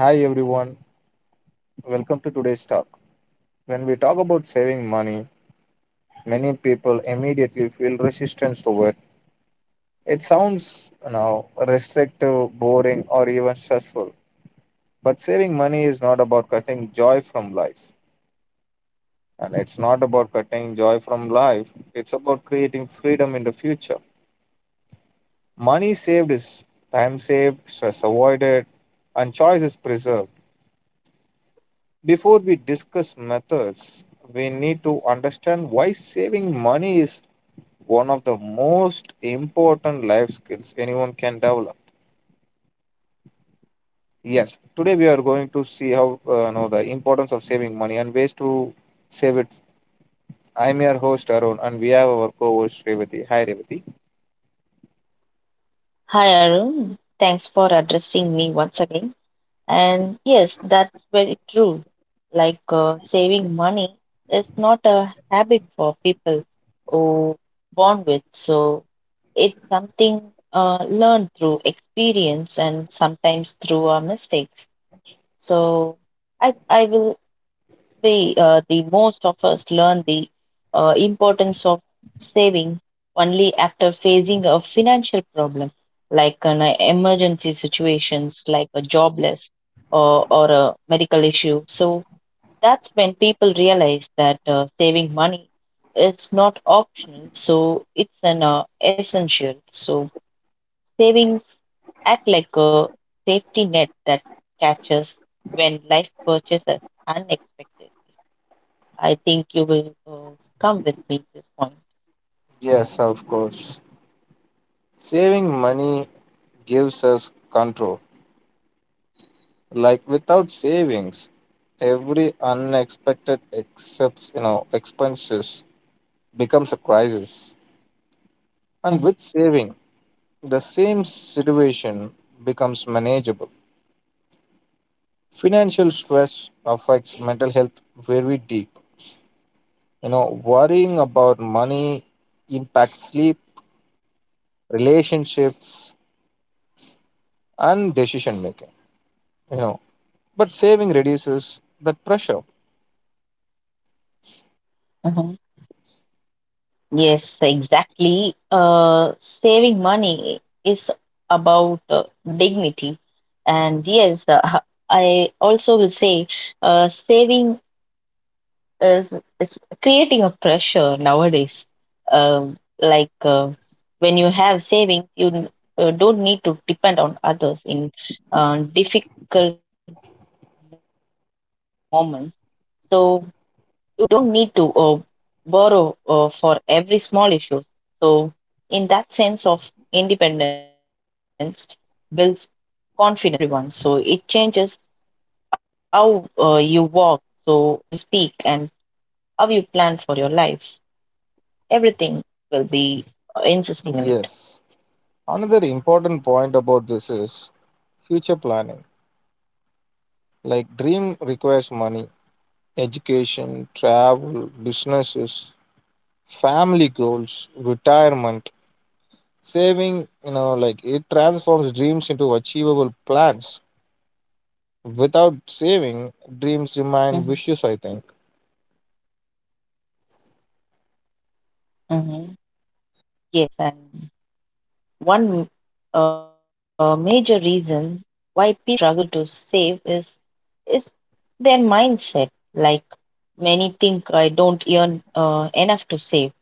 Hi everyone, welcome to today's talk. When we talk about saving money, many people immediately feel resistance to it. It sounds restrictive, boring, or even stressful. But saving money is not about cutting joy from life. And it's not about cutting joy from life. It's about creating freedom in the future. Money saved is time saved, stress avoided, and choice is preserved. Before we discuss methods, we need to understand why saving money is one of the most important life skills anyone can develop. Yes, today we are going to see how know the importance of saving money and ways to save it. I'm your host Arun, and we have our co-host Revati. Hi, Revati. Hi Arun, thanks for addressing me once again. And yes, that's very true. Like saving money is not a habit for people who born with. So it's something learned through experience and sometimes through our mistakes. So I will the most of us learn the importance of saving only after facing a financial problem like an emergency situations like a jobless or a medical issue. So that's when people realize that saving money is not optional, so it's an essential. So savings act like a safety net that catches when life purchases unexpected. I think you will come with me at this point. Yes, of course. Saving money gives us control. Like without savings, every unexpected except expenses becomes a crisis. And with Mhm, saving, the same situation becomes manageable. Financial stress affects mental health very deep. You know, worrying about money impacts sleep, relationships, and decision making. You know, but saving reduces that pressure. mhm. Yes, exactly. Saving money is about dignity. And yes, I also will say saving is is creating a pressure nowadays. Like when you have savings, you don't need to depend on others in difficult moments. So you don't need to borrow for every small issues. So in that sense of independence builds confidence to everyone. So it changes how you walk, so how you speak, and how you plan for your life. Everything will be insisting on it. Yes. Another important point about this is future planning. Like, dream requires money, education, travel, businesses, family goals, retirement, saving, like it transforms dreams into achievable plans. Without saving, dreams Mm-hmm. remain vicious, I think. Mm-hmm. Yes, and one major reason why people struggle to save is their mindset. Like many think, I don't earn enough to save.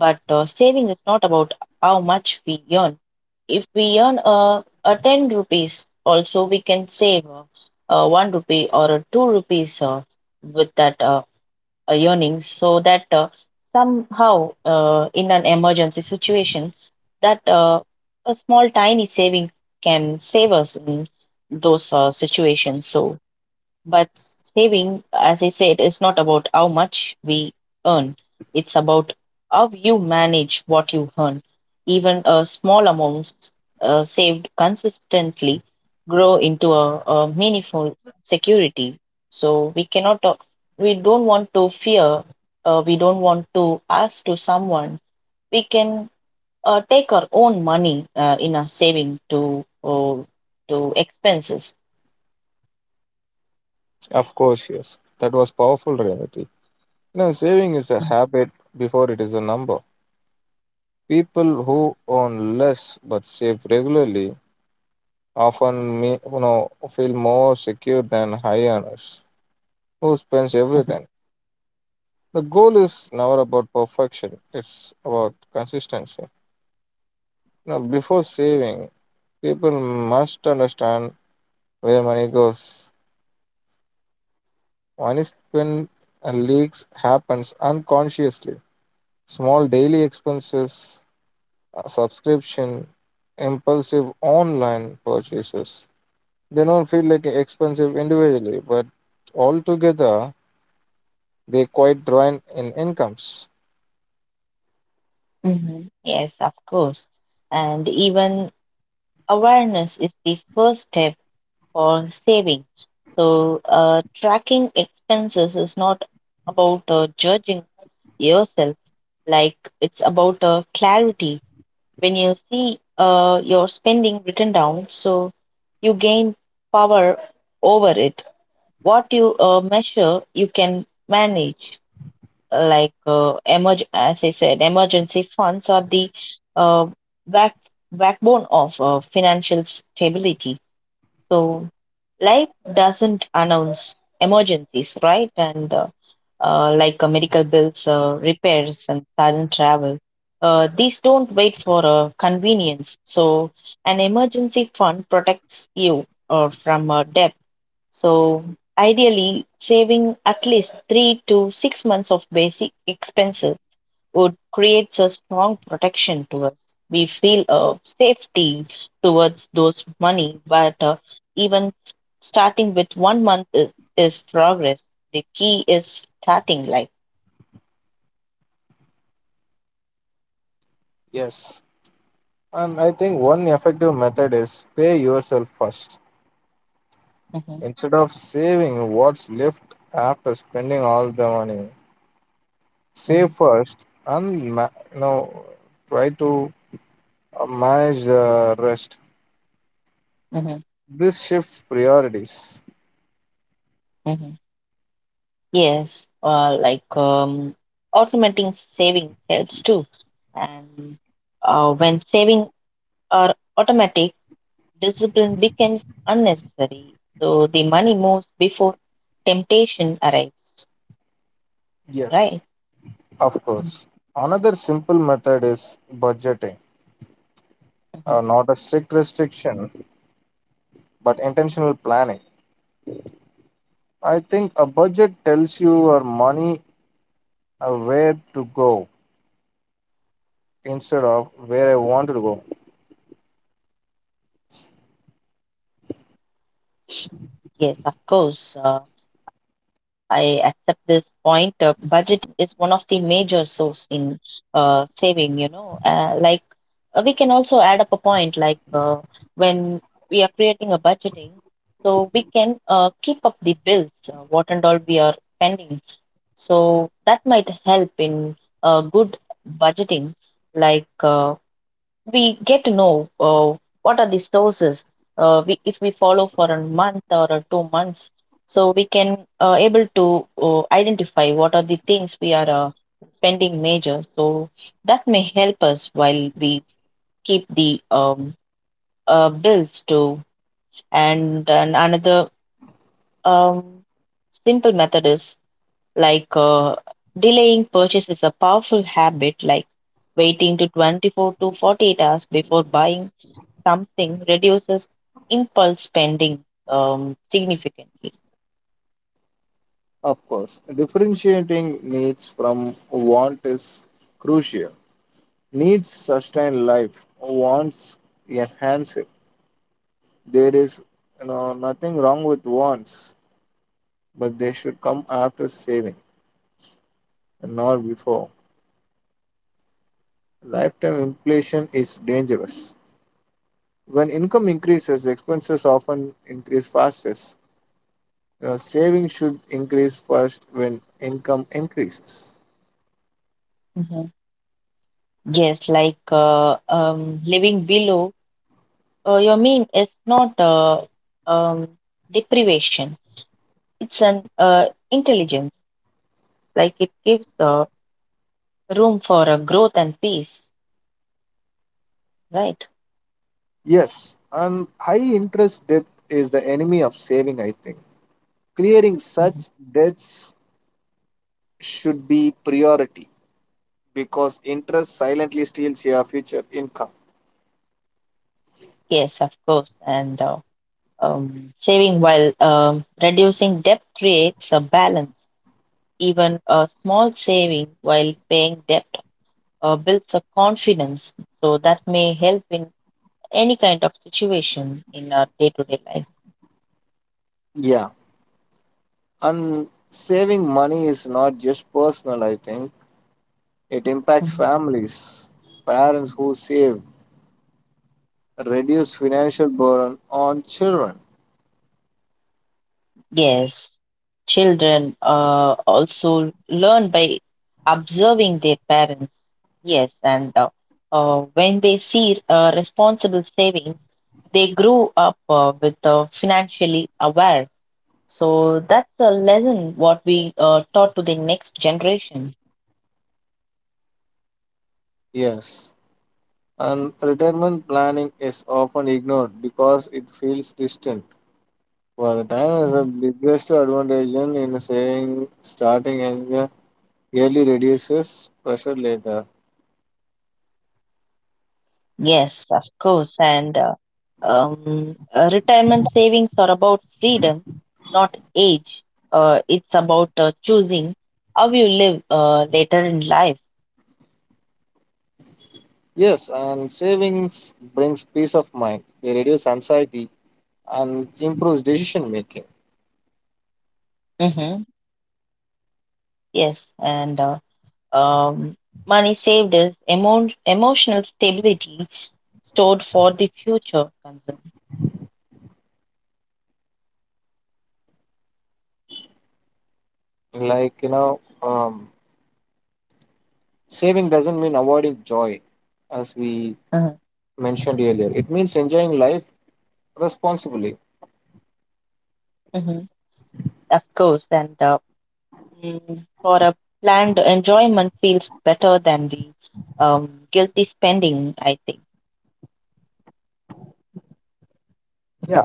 But saving is not about how much we earn. If we earn a ten rupees, also we can save one rupee or a two rupees with that yearning so that somehow in an emergency situation that a small tiny saving can save us in those situations. So but saving, as I said, is not about how much we earn. It's about how you manage what you earn. Even a small amounts saved consistently grow into a meaningful security. So we cannot, we don't want to fear, we don't want to ask to someone. We can take our own money in our saving to expenses. Of course, yes. That was powerful reality. You know, saving is a Mhm. habit before it is a number. People who own less but save regularly often me, feel more secure than high earners who spends everything. The goal is never about perfection, it's about consistency. You know, before saving, people must understand where money goes. Money spent and leaks happens unconsciously. Small daily expenses, subscription, impulsive online purchases. They don't feel like expensive individually, but altogether they quite drain in incomes. Mhm. Yes, of course. And even awareness is the first step for saving. So, tracking expenses is not about judging yourself, like it's about clarity. When you see your spending written down, so you gain power over it. What you measure, you can manage like emergency funds are the uh, back backbone of financial stability. So life doesn't announce emergencies, right? And like medical bills, repairs, and sudden travel. These don't wait for convenience. So, an emergency fund protects you from debt. So, ideally, saving at least 3 to 6 months of basic expenses would create a strong protection to us. We feel a safety towards those money, but even s- starting with 1 month is progress. The key is starting life. Yes, and I think one effective method is pay yourself first. Mhm, Instead of saving what's left after spending all the money, save mhm, first and you know try to manage the rest. mhm, This shifts priorities. mhm. Yes, like automating savings helps too. And when saving are automatic, discipline becomes unnecessary. So the money moves before temptation arrives, right? Yes. Of Mhm. course. Another simple method is budgeting. Mhm. Not a strict restriction, but intentional planning. I think a budget tells you your money where to go instead of where I want to go. Yes, of course. I accept this point. Budgeting is one of the major source in saving, you know, like we can also add up a point like when we are creating a budgeting, so we can keep up the bills, what and all we are spending. So that might help in good budgeting. Like we get to know what are the sources. We, if we follow for a month or a 2 months, so we can able to identify what are the things we are spending major. So that may help us while we keep the bills too. And another um, simple method is. Like delaying purchase is a powerful habit, like waiting to 24 to 48 hours before buying something reduces impulse spending significantly. Of course, differentiating needs from want is crucial. Needs sustain life, wants enhance it. There is, nothing wrong with wants, but they should come after saving and not before. Lifetime inflation is dangerous. When income increases, expenses often increase fastest. You know, saving should increase first when income increases. Mhm. Yes, like living below your mean is not um, deprivation. It's an intelligence. Like it gives room for growth and peace, right? Yes, and high interest debt is the enemy of saving, I think. Clearing Mhm. such debts should be priority because interest silently steals your future income. Yes, of course. And um, saving while reducing debt creates a balance. Even a small saving while paying debt builds a confidence. So that may help in any kind of situation in our day to day life. Yeah, and saving money is not just personal, I think. It impacts Mhm. families, parents who save, reduce financial burden on children. Yes, children also learn by observing their parents. Yes, and when they see responsible savings, they grow up with financially aware. So that's a lesson what we taught to the next generation. Yes, and retirement planning is often ignored because it feels distant. Well, time is the Mhm. biggest advantage in saving starting and yearly reduces pressure later. Yes, of course. And retirement savings are about freedom, not age. It's about choosing how you live later in life. Yes, and savings brings peace of mind. They reduce anxiety and improves decision making. Hmm. Yes, and um, money saved is emotional stability stored for the future concern. Like saving doesn't mean avoiding joy, as we Mhm. mentioned earlier. It means enjoying life responsibly. Mhm. Of course, and mm, for a planned enjoyment feels better than the guilty spending, I think. Yeah,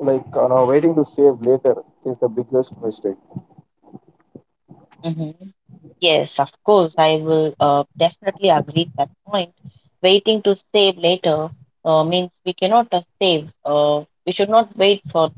like waiting to save later is the biggest mistake. Hmm. Yes, of course, I will definitely agree that point. Waiting to save later means we cannot save. We should not wait for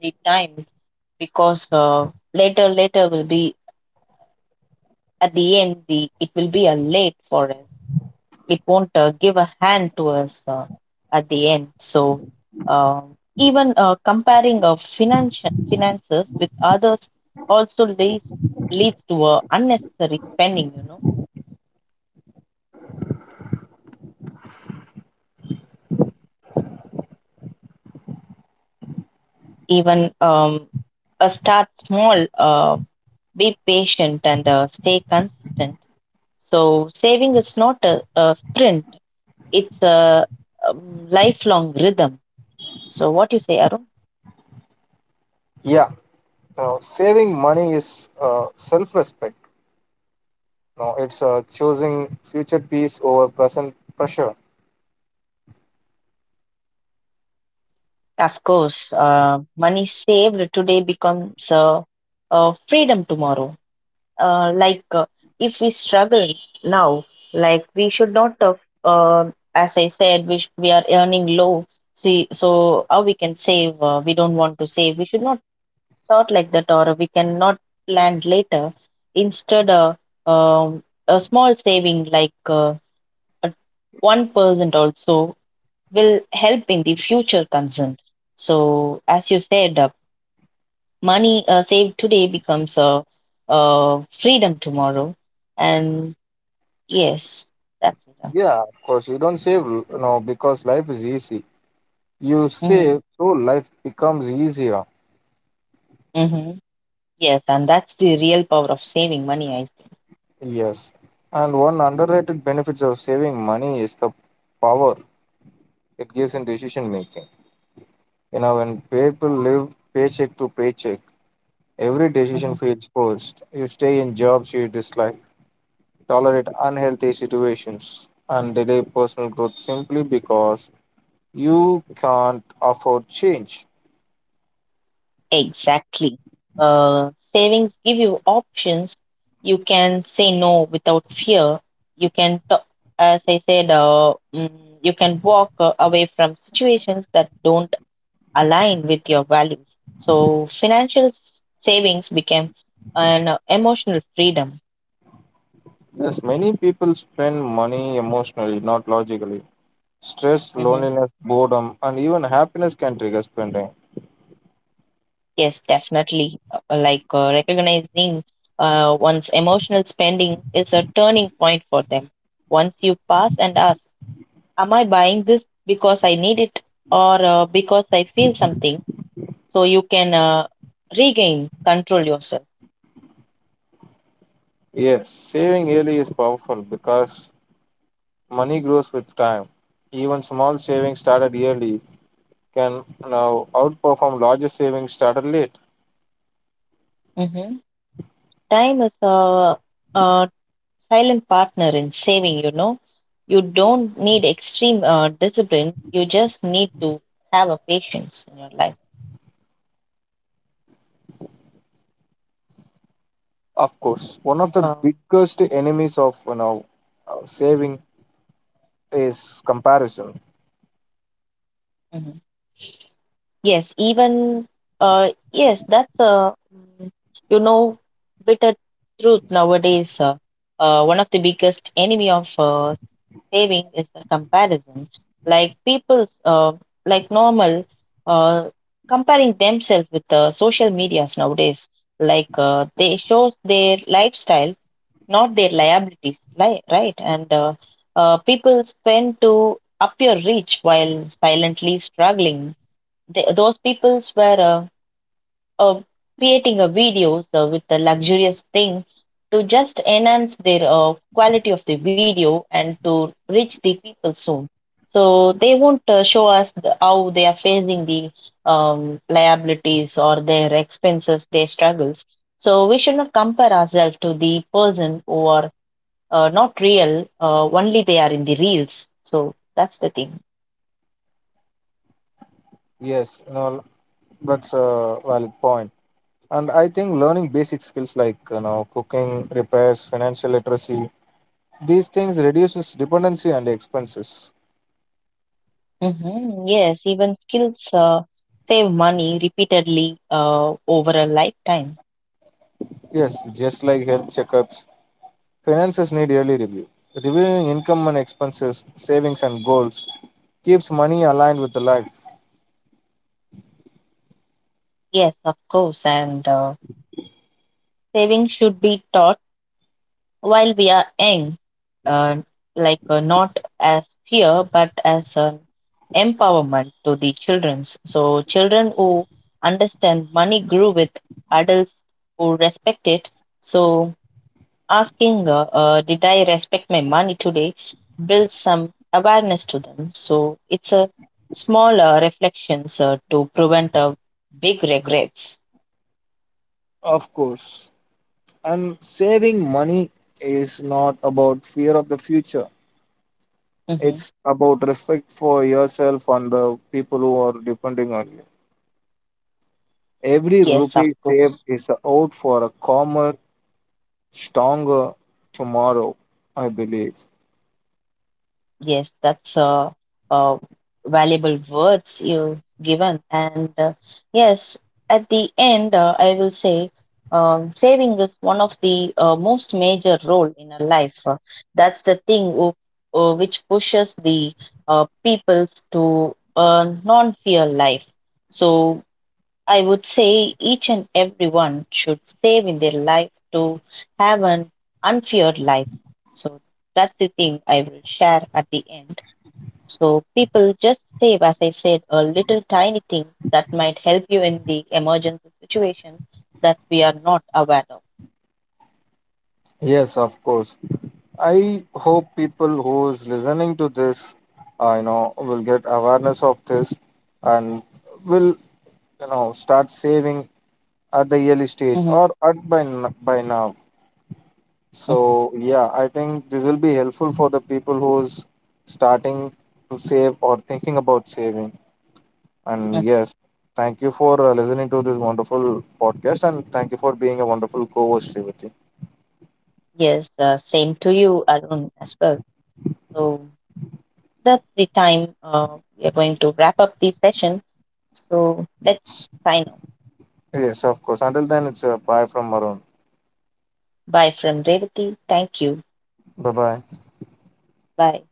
the time because later, later will be at the end. The it will be a late for us. It won't give a hand to us at the end. So uh, even comparing of financial finances with others also leads to a unnecessary spending. You know, even a start small, be patient, and stay consistent. So saving is not a sprint; it's a lifelong rhythm. So what you say, Arun? Yeah, now saving money is self respect. Now it's choosing future peace over present pressure. Of course, money saved today becomes freedom tomorrow. Like if we struggle now, like we should not, as I said, we, sh- we are earning low. See, so how we can save? We don't want to save. We should not thought like that, or we cannot plan later. Instead, a small saving like 1% also will help in the future concern. So, as you said, money saved today becomes a freedom tomorrow. And yes, that's it. Uh, Yeah, of course, you don't save, because life is easy. You mm-hmm. save so life becomes easier. Mm-hmm. Yes, and that's the real power of saving money, I Yes, and one underrated benefits of saving money is the power it gives in think. decision making. You know, when people live paycheck to paycheck, every Mhm, decision mhm. feels forced. You stay in jobs you dislike, tolerate unhealthy situations, and delay personal growth simply because you can't afford change. Exactly. Savings give you options. You can say no without fear. You can, t- as I said, mm, you can walk away from situations that don't align with your values. So savings became an emotional freedom. Yes, many people spend money emotionally, not logically. Stress, Hmm. loneliness, boredom, and even happiness can trigger spending. Yes, definitely. Like recognizing one's emotional spending is a turning point for them. Once you pass and ask, am I buying this because I need it or because I feel something? So you can regain control yourself. Yes, saving early is powerful because money grows with time. Even small savings started yearly can now outperform larger savings started late. Hmm. Time is uh, silent partner in saving, you know. You don't need extreme discipline, you just need to have a patience in your life. Of course, one of the Um, biggest enemies of saving is comparison. mhm. Yes, even yes, that's a mm, you know, bitter truth nowadays. One of the biggest enemy of saving is the comparison. Like people's like normal uh, comparing themselves with the social medias nowadays. Like they shows their lifestyle, not their liabilities, li right? And people spend to appear rich while silently struggling. They, those peoples were uh, uh, creating videos with the luxurious thing to just enhance their quality of the video and to reach the people soon. So they won't show us the, how they are facing the liabilities or their expenses, their struggles. So we should not compare ourselves to the person who are not real. Only they are in the reels. So that's the thing. Yes, you know that's a valid point. And I think learning basic skills like cooking, repairs, financial literacy, these things reduces dependency and expenses. Hmm. Yes, even skills save money repeatedly over a lifetime. Yes, just like health checkups, finances need yearly review. Reviewing income and expenses, savings and goals keeps money aligned with the life. Yes, of course. And saving should be taught while we are young, uh, like not as fear, but as an empowerment to the childrens. So, children who understand money grew with adults who respect it. So, asking, did I respect my money today, builds some awareness to them. So it's a small reflections to prevent big regrets. Of course. And saving money is not about fear of the future. Hmm. It's about respect for yourself and the people who are depending on you. Every Yes, of rupee course. saved is a out for a calmer, stronger tomorrow, I believe. Yes, that's uh, valuable words you've given. And yes, at the end, I will say saving is one of the most major role in a life. That's the thing who, which pushes the peoples to a non-fear life. So I would say each and everyone should save in their life to have an unfeared life. So that's the thing I will share at the end. So people just save, as I said, a little tiny thing that might help you in the emergency situation that we are not aware of. Yes, of course. I hope people who's listening to this, will get awareness of this and will, start saving at the early stage Hmm, or at by by now. hmm, So yeah, I think this will be helpful for the people who's starting to save or thinking about saving. And hmm. yes, thank you for listening to this wonderful podcast, and thank you for being a wonderful co-host, Srivati. Yes, same to you, Arun, as well. So that's the time we are going to wrap up the session. So let's sign off. Yes, of course. Until then, it's a bye from Arun. Bye from Revati. Thank you. Bye bye. Bye.